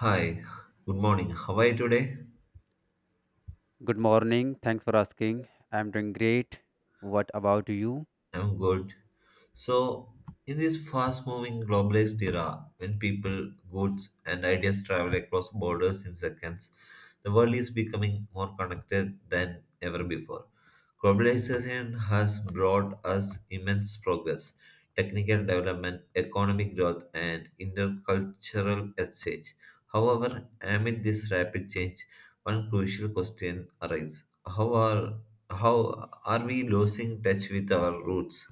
Hi, good morning. How are you today? Good morning. Thanks for asking. I'm doing great. What about you? I'm good. So, in this fast moving globalized era, when people, goods, and ideas travel across borders in seconds, the world is becoming more connected than ever before. Globalization has brought us immense progress, technical development, economic growth, and intercultural exchange. However, amid this rapid change, one crucial question arises. How are we losing touch with our roots?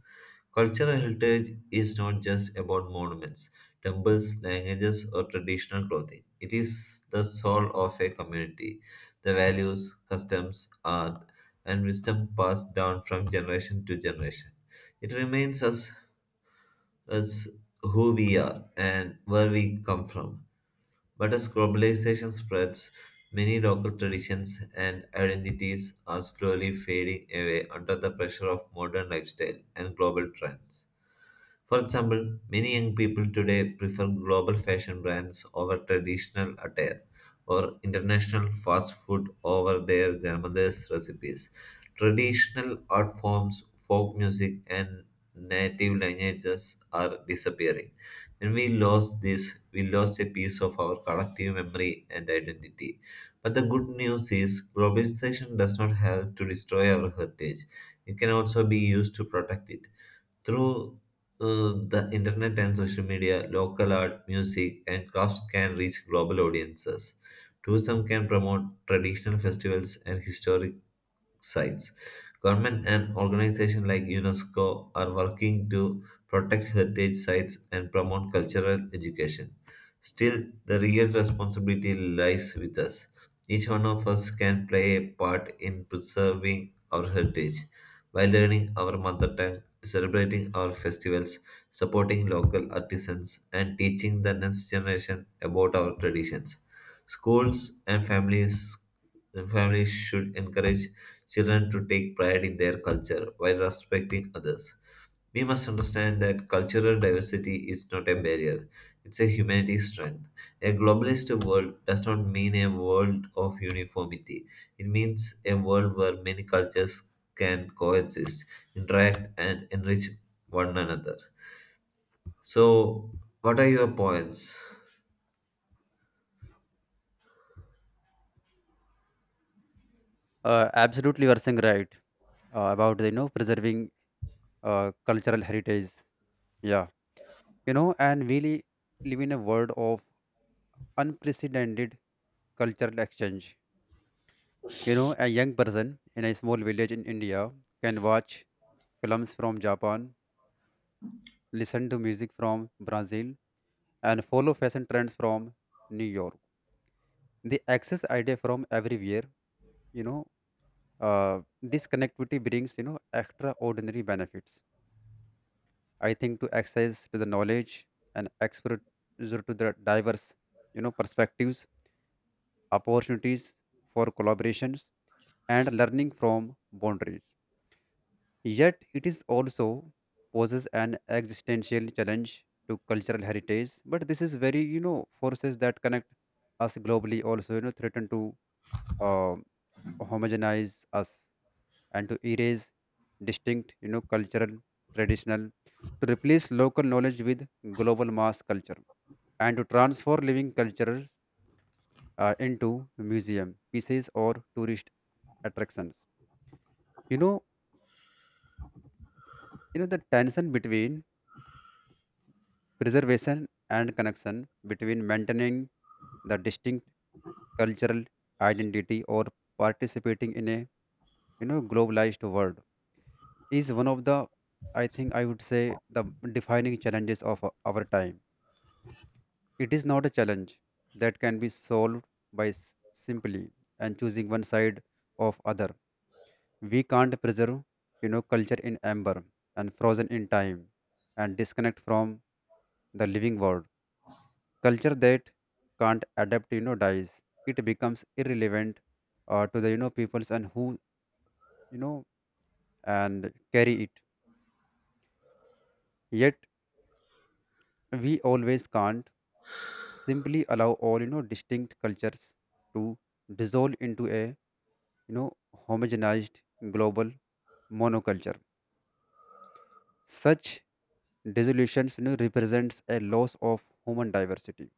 Cultural heritage is not just about monuments, temples, languages, or traditional clothing. It is the soul of a community. The values, customs, art, and wisdom passed down from generation to generation. It remains us who we are and where we come from. But as globalization spreads, many local traditions and identities are slowly fading away under the pressure of modern lifestyle and global trends. For example, many young people today prefer global fashion brands over traditional attire or international fast food over their grandmother's recipes. Traditional art forms, folk music, and native languages are disappearing. When we lost this, we lost a piece of our collective memory and identity. But the good news is, globalization does not have to destroy our heritage. It can also be used to protect it. Through the internet and social media, local art, music, and crafts can reach global audiences. Tourism can promote traditional festivals and historic sites. Government and organizations like UNESCO are working to protect heritage sites and promote cultural education. Still, the real responsibility lies with us. Each one of us can play a part in preserving our heritage by learning our mother tongue, celebrating our festivals, supporting local artisans, and teaching the next generation about our traditions. Schools and families should encourage children to take pride in their culture while respecting others. We must understand that cultural diversity is not a barrier, it's a humanity's strength. A globalist world does not mean a world of uniformity, it means a world where many cultures can coexist, interact, and enrich one another. So, what are your points? Absolutely, you are saying right, about the preserving, cultural heritage. Yeah, you know, and we live in a world of unprecedented cultural exchange. You know, a young person in a small village in India can watch films from Japan, listen to music from Brazil, and follow fashion trends from New York. They access idea from everywhere. You know, this connectivity brings, extraordinary benefits, I think, to access to the knowledge and exposure to the diverse, perspectives, opportunities for collaborations and learning from boundaries. Yet it is also poses an existential challenge to cultural heritage, but this is very, forces that connect us globally also, threaten to, uh, homogenize us, and to erase distinct, you know, cultural, traditional, to replace local knowledge with global mass culture, and to transform living cultures into museum pieces or tourist attractions. You know, the tension between preservation and connection, between maintaining the distinct cultural identity or participating in a, globalized world is one of the, I think I would say, the defining challenges of our time. It is not a challenge that can be solved by simply and choosing one side of other. We can't preserve, you know, culture in amber and frozen in time and disconnect from the living world. Culture that can't adapt, you know, dies. It becomes irrelevant to the, peoples and who, you know and carry it. Yet we always can't simply allow all, distinct cultures to dissolve into a, you know, homogenized global monoculture. Such dissolutions, represents a loss of human diversity,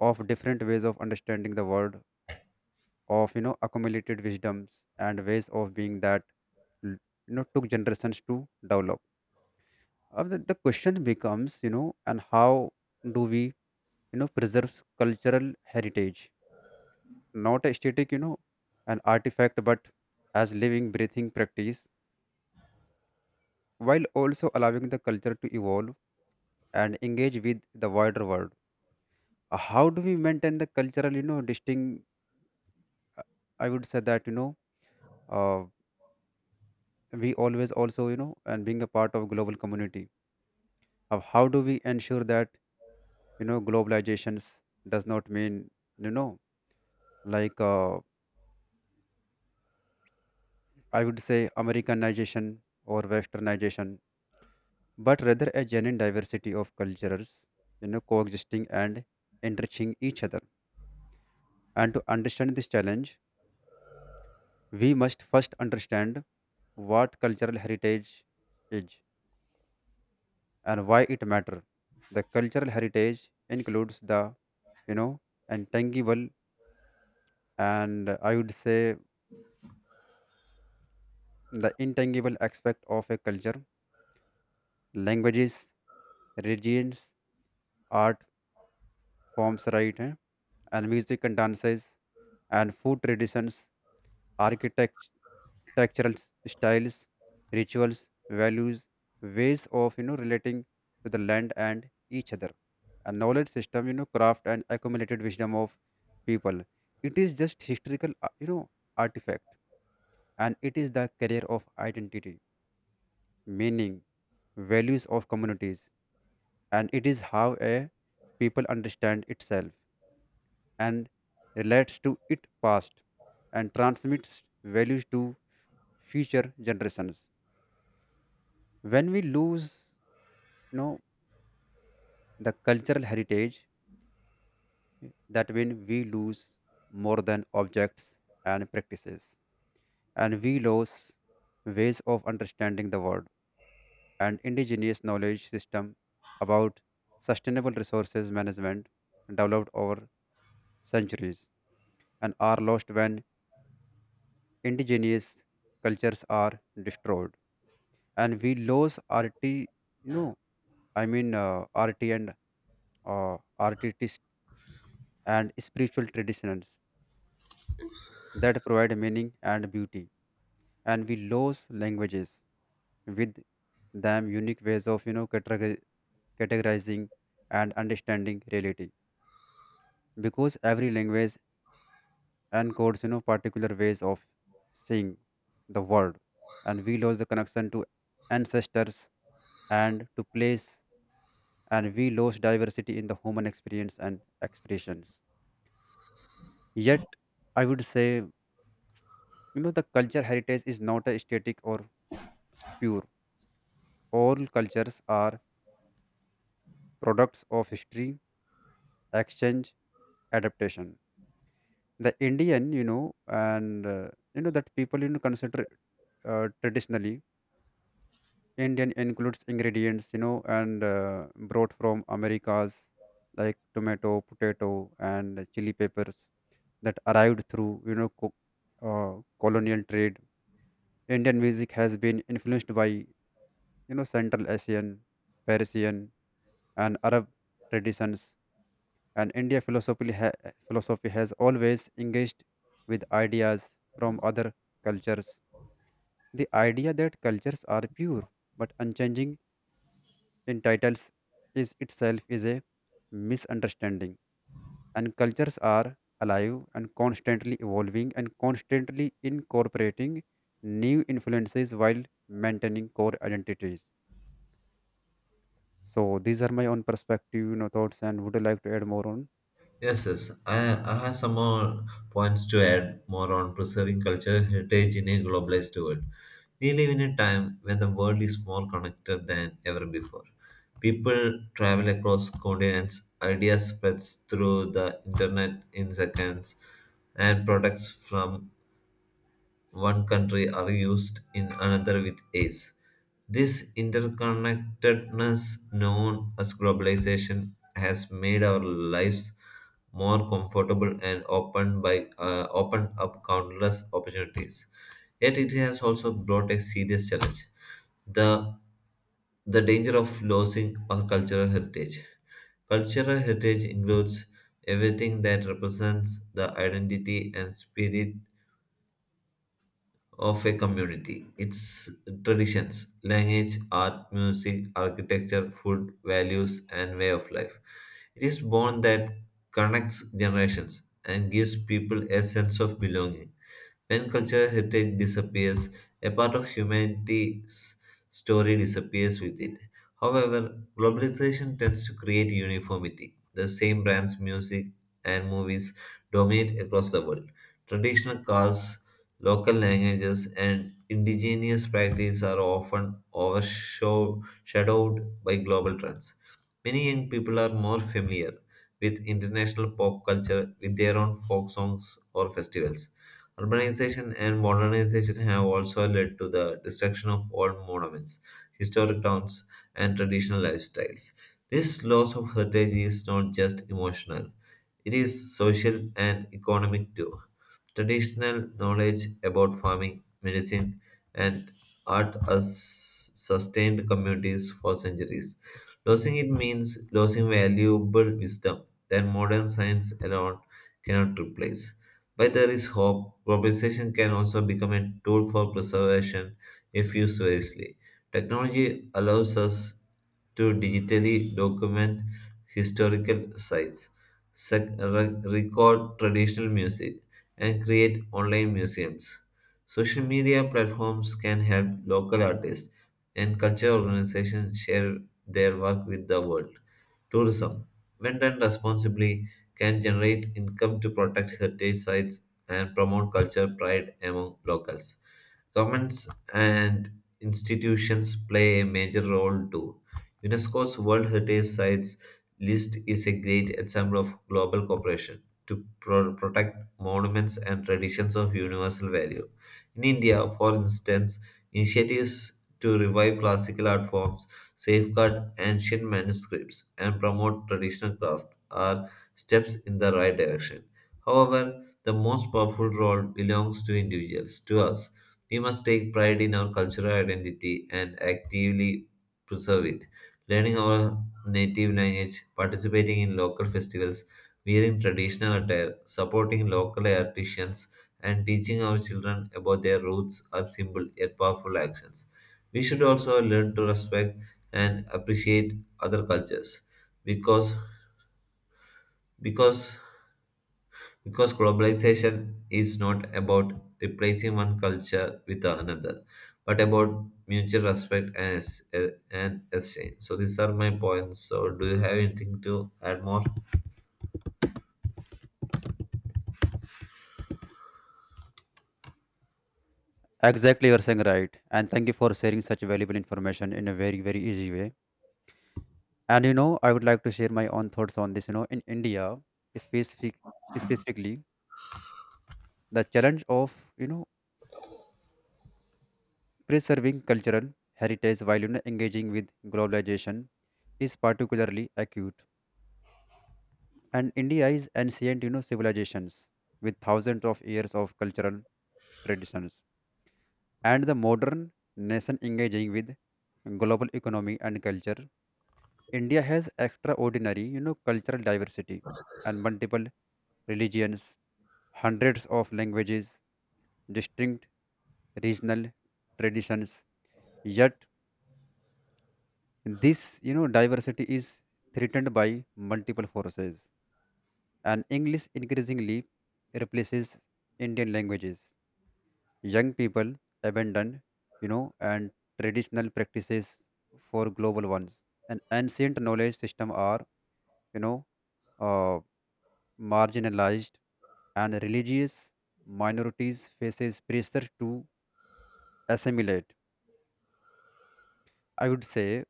of different ways of understanding the world, of, accumulated wisdoms and ways of being that l- you know took generations to develop. The question becomes, you know, and how do we, preserve cultural heritage, not a static, you know, an artifact, but as living, breathing practice, while also allowing the culture to evolve and engage with the wider world. How do we maintain the cultural, you know, distinct? I would say that, uh, we always also, and being a part of global community of how do we ensure that, globalizations does not mean, you know like, I would say Americanization or Westernization, but rather a genuine diversity of cultures, you know, coexisting and enriching each other. And to understand this challenge, we must first understand what cultural heritage is and why it matter. The cultural heritage includes the, you know intangible and, I would say the intangible aspect of a culture, languages, regions, art forms, right, eh, and music and dances and food traditions, architect architectural styles, rituals, values, ways of, relating to the land and each other, a knowledge system, craft and accumulated wisdom of people. It is just historical, artifact, and it is the carrier of identity, meaning, values of communities, and it is how a people understand itself and relates to its past and transmits values to future generations. When we lose, you know, the cultural heritage, that when we lose more than objects and practices, and we lose ways of understanding the world and indigenous knowledge system about sustainable resources management developed over centuries, and are lost when indigenous cultures are destroyed, and we lose RT, no, I mean RT and artist and spiritual traditions that provide meaning and beauty, and we lose languages with them unique ways of, categorizing and understanding reality, because every language encodes, particular ways of seeing the world, and we lose the connection to ancestors and to place, and we lost diversity in the human experience and expressions. Yet, I would say, you know, the culture heritage is not a static or pure. All cultures are products of history, exchange, adaptation. The Indian, you know, and, that people, consider, traditionally Indian, includes ingredients, you know, and, brought from Americas like tomato, potato, and chili peppers that arrived through, you know, colonial trade. Indian music has been influenced by, you know, Central Asian, Persian, and Arab traditions. And India philosophy has always engaged with ideas from other cultures. The idea that cultures are pure but unchanging in titles is itself is a misunderstanding, and cultures are alive and constantly evolving and constantly incorporating new influences while maintaining core identities. So these are my own perspective, thoughts, and would you like to add more on? Yes, yes. I have some more points to add more on preserving cultural heritage in a globalized world. We live in a time when the world is more connected than ever before. People travel across continents, ideas spread through the internet in seconds, and products from one country are used in another with ease. This interconnectedness, known as globalization, has made our lives more comfortable and opened up countless opportunities. Yet it has also brought a serious challenge: the the danger of losing our cultural heritage. Cultural heritage includes everything that represents the identity and spirit of a community. Its traditions, language, art, music, architecture, food, values, and way of life. It is bond that connects generations and gives people a sense of belonging. When cultural heritage disappears, a part of humanity's story disappears with it. However, globalization tends to create uniformity. The same brands, music, and movies dominate across the world. Traditional cars, local languages, and indigenous practices are often overshadowed by global trends. Many young people are more familiar with international pop culture with their own folk songs or festivals. Urbanization and modernization have also led to the destruction of old monuments, historic towns, and traditional lifestyles. This loss of heritage is not just emotional, it is social and economic too. Traditional knowledge about farming, medicine, and art has sustained communities for centuries. Losing it means losing valuable wisdom that modern science alone cannot replace. But there is hope. Globalization can also become a tool for preservation if used wisely. Technology allows us to digitally document historical sites, record traditional music, and create online museums. Social media platforms can help local artists and culture organizations share their work with the world. Tourism, when done responsibly, can generate income to protect heritage sites and promote culture pride among locals. Governments and institutions play a major role too. UNESCO's World Heritage Sites list is a great example of global cooperation to protect monuments, and traditions of universal value. In India, for instance, initiatives to revive classical art forms, safeguard ancient manuscripts, and promote traditional craft are steps in the right direction. However, the most powerful role belongs to individuals, to us. We must take pride in our cultural identity and actively preserve it. Learning our native language, participating in local festivals, wearing traditional attire, supporting local artisans, and teaching our children about their roots are simple yet powerful actions. We should also learn to respect and appreciate other cultures because because because globalization is not about replacing one culture with another but about mutual respect and exchange. So these are my points. So do you have anything to add more? Exactly, you're saying right, and thank you for sharing such valuable information in a very, very easy way. And you know, I would like to share my own thoughts on this. You know, in India, specific specifically, the challenge of, you know preserving cultural heritage while, you know, engaging with globalization is particularly acute. And India is ancient, you know, civilizations with thousands of years of cultural traditions. And the modern nation engaging with global economy and culture. India has extraordinary, you know, cultural diversity and multiple religions, hundreds of languages, distinct regional traditions. Yet this, you know, diversity is threatened by multiple forces, and English increasingly replaces Indian languages. Young people abandon, you know, and traditional practices for global ones, and ancient knowledge system are, you know, uh, marginalized, and religious minorities faces pressure to assimilate. I would say,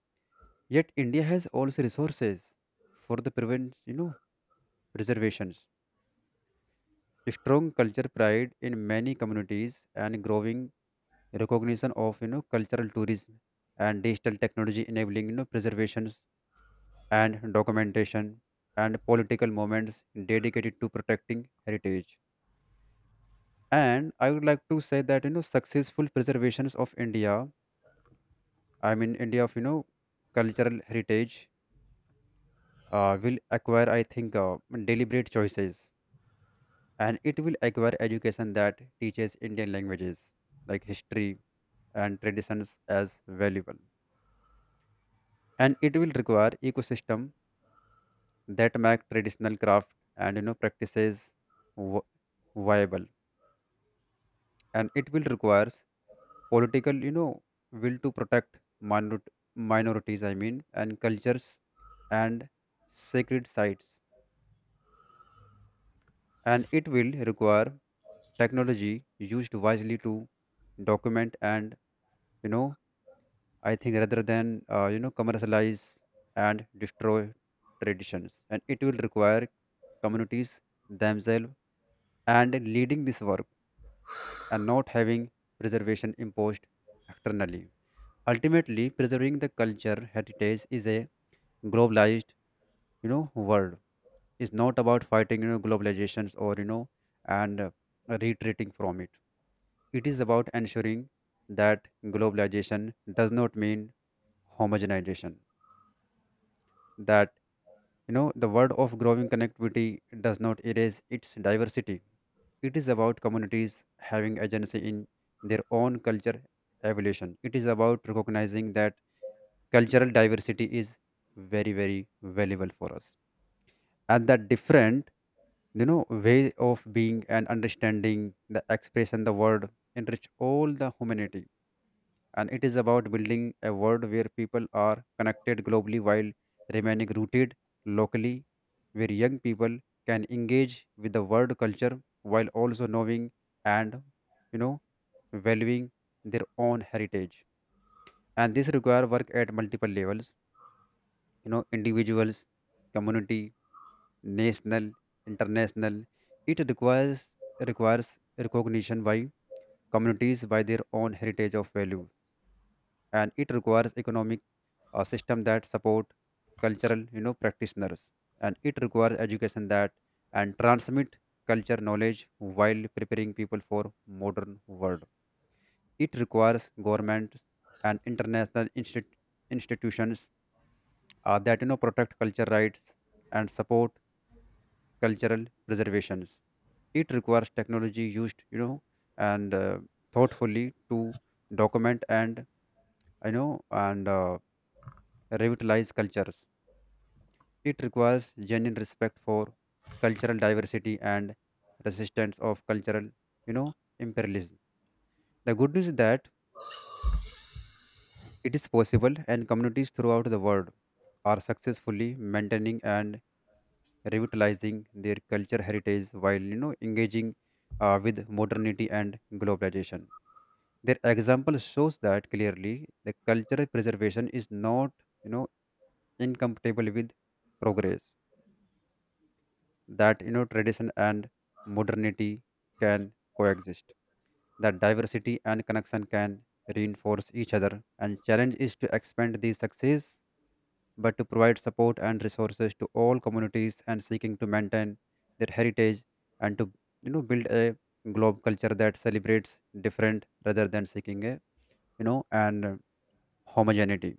yet India has also resources for the preservations, strong culture pride in many communities and growing recognition of, cultural tourism, and digital technology enabling, preservations and documentation, and political movements dedicated to protecting heritage. And I would like to say that, successful preservations of india I mean india of, cultural heritage will acquire, I think, deliberate choices, and it will acquire education that teaches Indian languages like history and traditions as valuable. And it will require ecosystem that make traditional craft and, practices, vi- viable. And it will requires political, will to protect minorities. I mean and cultures and sacred sites. And it will require technology used wisely to document and, you know I think, rather than, commercialize and destroy traditions, and it will require communities themselves and leading this work and not having preservation imposed externally. Ultimately, preserving the culture heritage is a globalized, world. It's not about fighting, globalizations or, you know and retreating from it. It is about ensuring that globalization does not mean homogenization, that, you know, the word of growing connectivity does not erase its diversity. It is about communities having agency in their own culture evolution. It is about recognizing that cultural diversity is very, very valuable for us. And that different, you know, way of being and understanding the expression, the word enrich all the humanity, and it is about building a world where people are connected globally while remaining rooted locally, where young people can engage with the world culture while also knowing and, you know valuing their own heritage. And this require work at multiple levels, you know, individuals, community, national, international. It requires recognition by communities by their own heritage of value, and it requires economic, system that support cultural, practitioners, and it requires education that and transmit culture knowledge while preparing people for modern world. It requires governments and international institutions, that, protect culture rights and support cultural preservations. It requires technology used, you know and thoughtfully to document and, you know and uh, revitalize cultures. It requires genuine respect for cultural diversity and resistance of cultural, you know, imperialism. The good news is that it is possible, and communities throughout the world are successfully maintaining and revitalizing their culture heritage while, you know, engaging with modernity and globalization. Their example shows that clearly the cultural preservation is not, you know, incompatible with progress, that, tradition and modernity can coexist, that diversity and connection can reinforce each other, and challenge is to expand these success, but to provide support and resources to all communities and seeking to maintain their heritage, and to, build a globe culture that celebrates different rather than seeking a, you know and homogeneity.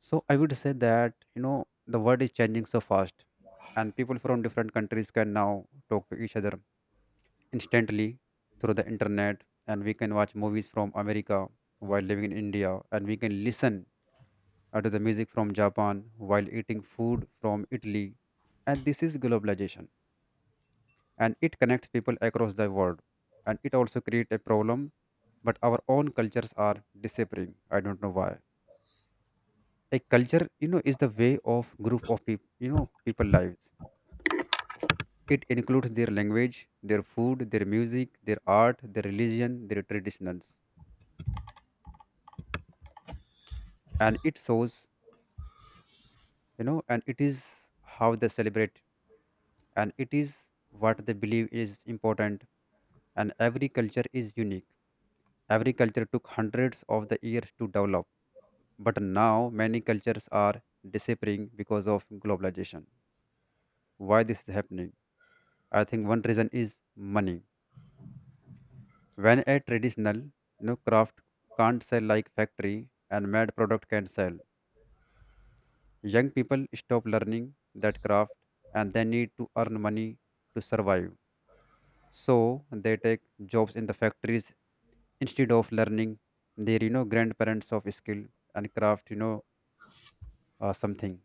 So I would say that, the world is changing so fast, and people from different countries can now talk to each other instantly through the internet, and we can watch movies from America while living in India, and we can listen, to the music from Japan while eating food from Italy, and this is globalization, and it connects people across the world, and it also creates a problem, but our own cultures are disappearing. I don't know why. A culture is the way of group of people people lives. It includes their language, their food, their music, their art, their religion, their traditions, and it shows, and it is how they celebrate, and it is what they believe is important. And every culture is unique. Every culture took hundreds of the years to develop, but now many cultures are disappearing because of globalization. Why this is happening? I think one reason is money. When a traditional craft can't sell like factory and mad product can sell, young people stop learning that craft, and they need to earn money to survive. So they take jobs in the factories instead of learning their grandparents of skill and craft something.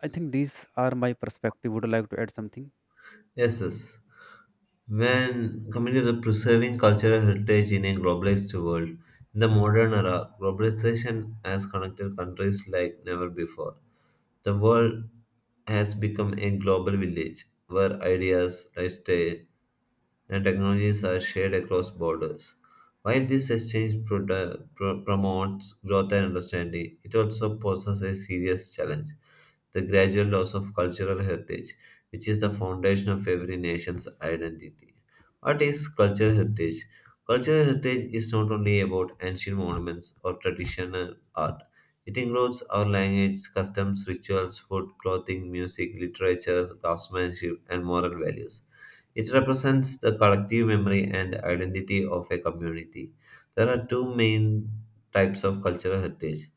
I think these are my perspective. Would you like to add something? Yes, yes. When companies are preserving cultural heritage in a globalized world, in the modern era, globalization has connected countries like never before. The world has become a global village where ideas, lifestyle, and technologies are shared across borders. While this exchange promotes growth and understanding, it also poses a serious challenge: the gradual loss of cultural heritage, which is the foundation of every nation's identity. What is cultural heritage? Cultural heritage is not only about ancient monuments or traditional art. It includes our language, customs, rituals, food, clothing, music, literature, craftsmanship, and moral values. It represents the collective memory and identity of a community. There are two main types of cultural heritage: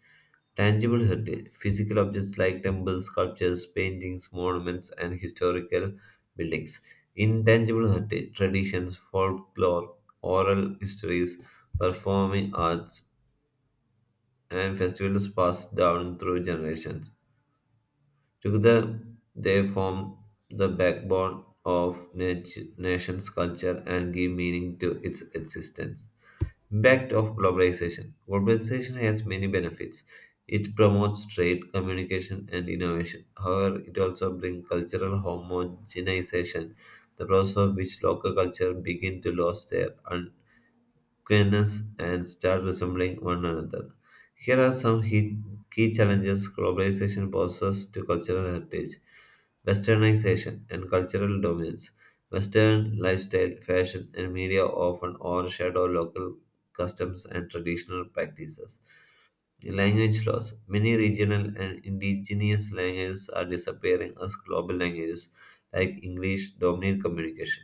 tangible heritage, physical objects like temples, sculptures, paintings, monuments, and historical buildings; intangible heritage, traditions, folklore, oral histories, performing arts, and festivals passed down through generations. Together, they form the backbone of nation's culture and give meaning to its existence. Impact of globalization. Globalization has many benefits. It promotes trade, communication, and innovation. However, it also brings cultural homogenization, the process of which local culture begin to lose their queerness and start resembling one another. Here are some key challenges globalization poses to cultural heritage: westernization and cultural dominance. Western lifestyle, fashion, and media often overshadow local customs and traditional practices. Language loss. Many regional and indigenous languages are disappearing as global languages like English dominate communication.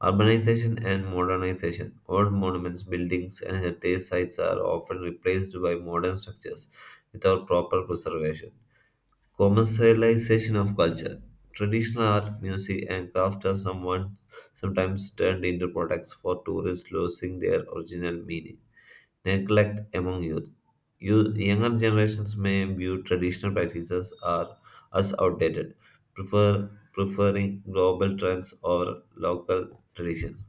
Urbanization and modernization. Old monuments, buildings, and heritage sites are often replaced by modern structures without proper preservation. Commercialization of culture. Traditional art, music, and crafts are someone sometimes turned into products for tourists, losing their original meaning. Neglect among youth. Younger generations may view traditional practices as outdated, preferring global trends or local traditions.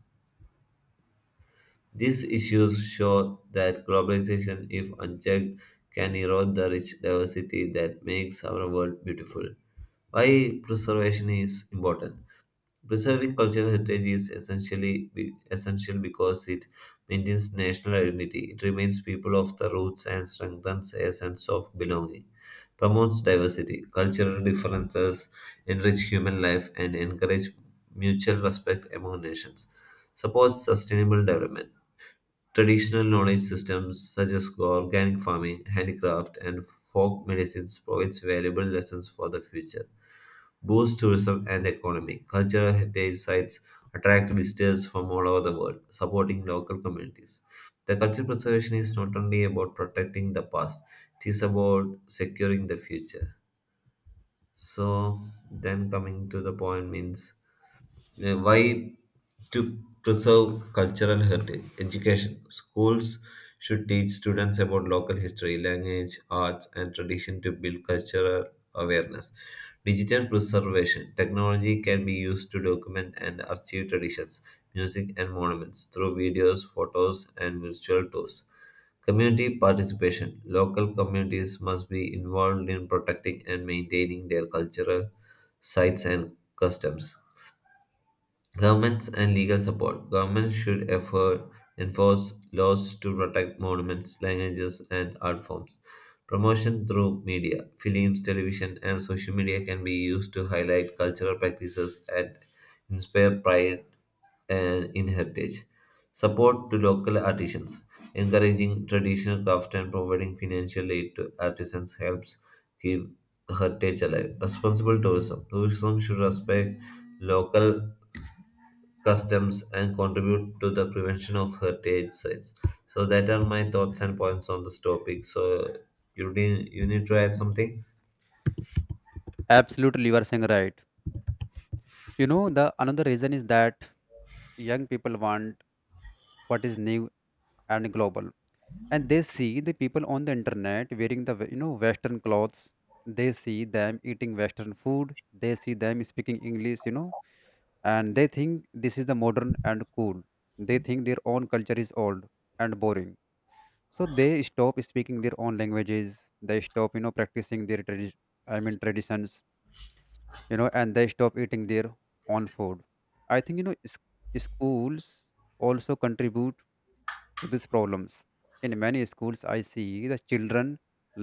These issues show that globalization, if unchecked, can erode the rich diversity that makes our world beautiful. Why preservation is important? Preserving cultural heritage is essential because it maintains national identity. It reminds people of the roots and strengthens a sense of belonging. Promotes diversity, cultural differences, enrich human life, and encourage mutual respect among nations. Supports sustainable development. Traditional knowledge systems such as organic farming, handicraft, and folk medicines provides valuable lessons for the future. Boosts tourism and economy. Cultural heritage sites attract visitors from all over the world, supporting local communities. The culture preservation is not only about protecting the past, it is about securing the future. So, then coming to the point means why to preserve cultural heritage: education, schools should teach students about local history, language, arts, and tradition to build cultural awareness. Digital preservation, technology can be used to document and archive traditions, music, and monuments through videos, photos, and virtual tours. Community participation, local communities must be involved in protecting and maintaining their cultural sites and customs. Governments and legal support. Governments should enforce laws to protect monuments, languages, and art forms. Promotion through media, films, television, and social media can be used to highlight cultural practices and inspire pride and in heritage. Support to local artisans, encouraging traditional craft and providing financial aid to artisans helps keep heritage alive. Responsible tourism, tourism should respect local customs and contribute to the prevention of heritage sites. So that are my thoughts and points on this topic. So you need to add something? Absolutely, you are saying right. You know the another reason is that young people want what is new and global, and they see the people on the internet wearing the western clothes. They see them eating western food, they see them speaking english, and they think this is the modern and cool. They think their own culture is old and boring, so they stop speaking their own languages, they stop practicing their I mean traditions, and they stop eating their own food. I think schools also contribute to these problems. In many schools, I see the children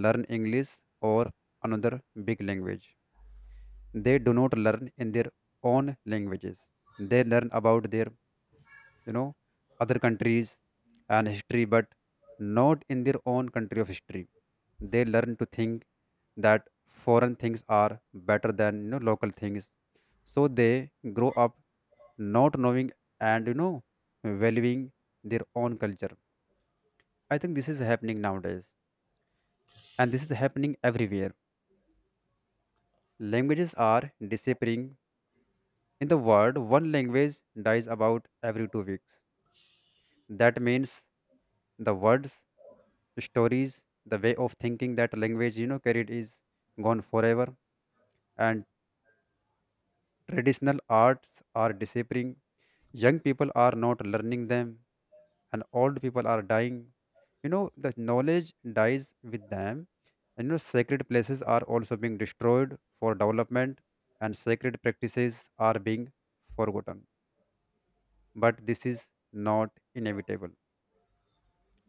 learn English or another big language. They do not learn in their own languages. They learn about their, you know, other countries and history, but not in their own country of history. They learn to think that foreign things are better than local things. So they grow up not knowing and valuing their own culture. I think this is happening nowadays, and this is happening everywhere. Languages are disappearing. In the world, one language dies about every 2 weeks. That means the words, the stories, the way of thinking that language carried is gone forever. And traditional arts are disappearing. Young people are not learning them, and old people are dying. You know, the knowledge dies with them, and sacred places are also being destroyed for development, and sacred practices are being forgotten. But this is not inevitable.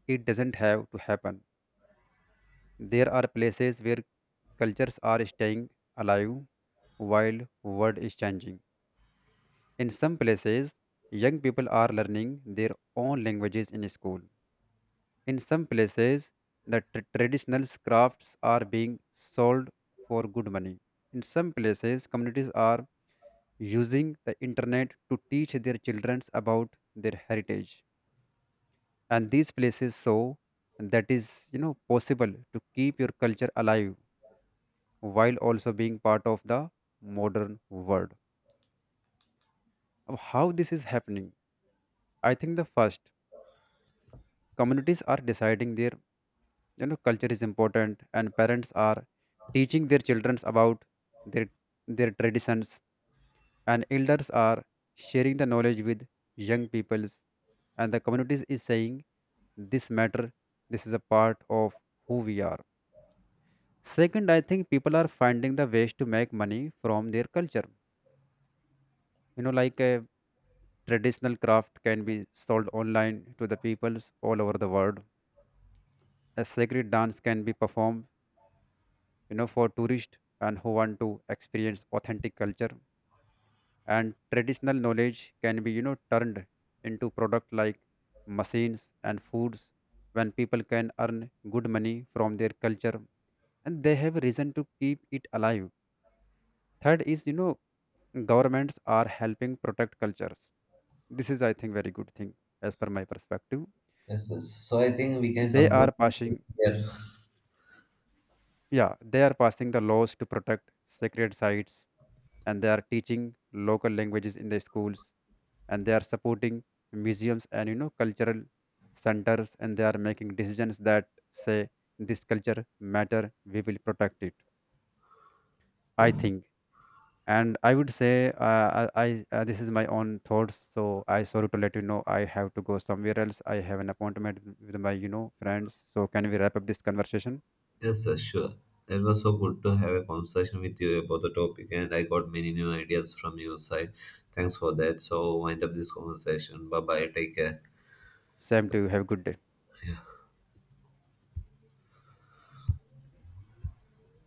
It doesn't have to happen. There are places where cultures are staying alive while world is changing. In some places, young people are learning their own languages in school. In some places, the traditional crafts are being sold for good money. In some places, communities are using the internet to teach their children about their heritage. And these places show that is, possible to keep your culture alive while also being part of the modern world. Of how this is happening, I think the first, communities are deciding their culture is important, and parents are teaching their children about their their traditions, and elders are sharing the knowledge with young peoples, and the communities is saying this matter, this is a part of who we are. Second, I think people are finding the ways to make money from their culture. You know, like a traditional craft can be sold online to the peoples all over the world. A sacred dance can be performed, for tourists and who want to experience authentic culture. And traditional knowledge can be turned into product like machines and foods. When people can earn good money from their culture, and they have reason to keep it alive. Third is, governments are helping protect cultures. This is, I think, very good thing, as per my perspective. Yes, yes. So I think we can They are conclude this passing, here. yeah, they are passing the laws to protect sacred sites, and they are teaching local languages in the schools, and they are supporting museums and cultural centers, and they are making decisions that say this culture matter, we will protect it, I think. And I would say this is my own thoughts, so I sorry to let you know I have to go somewhere else. I have an appointment with my friends, so can we wrap up this conversation? Yes, sir, sure. It was so good to have a conversation with you about the topic, and I got many new ideas from your side. Thanks for that. So, wind up this conversation. Bye bye. Take care. Same to you, have a good day. Yeah.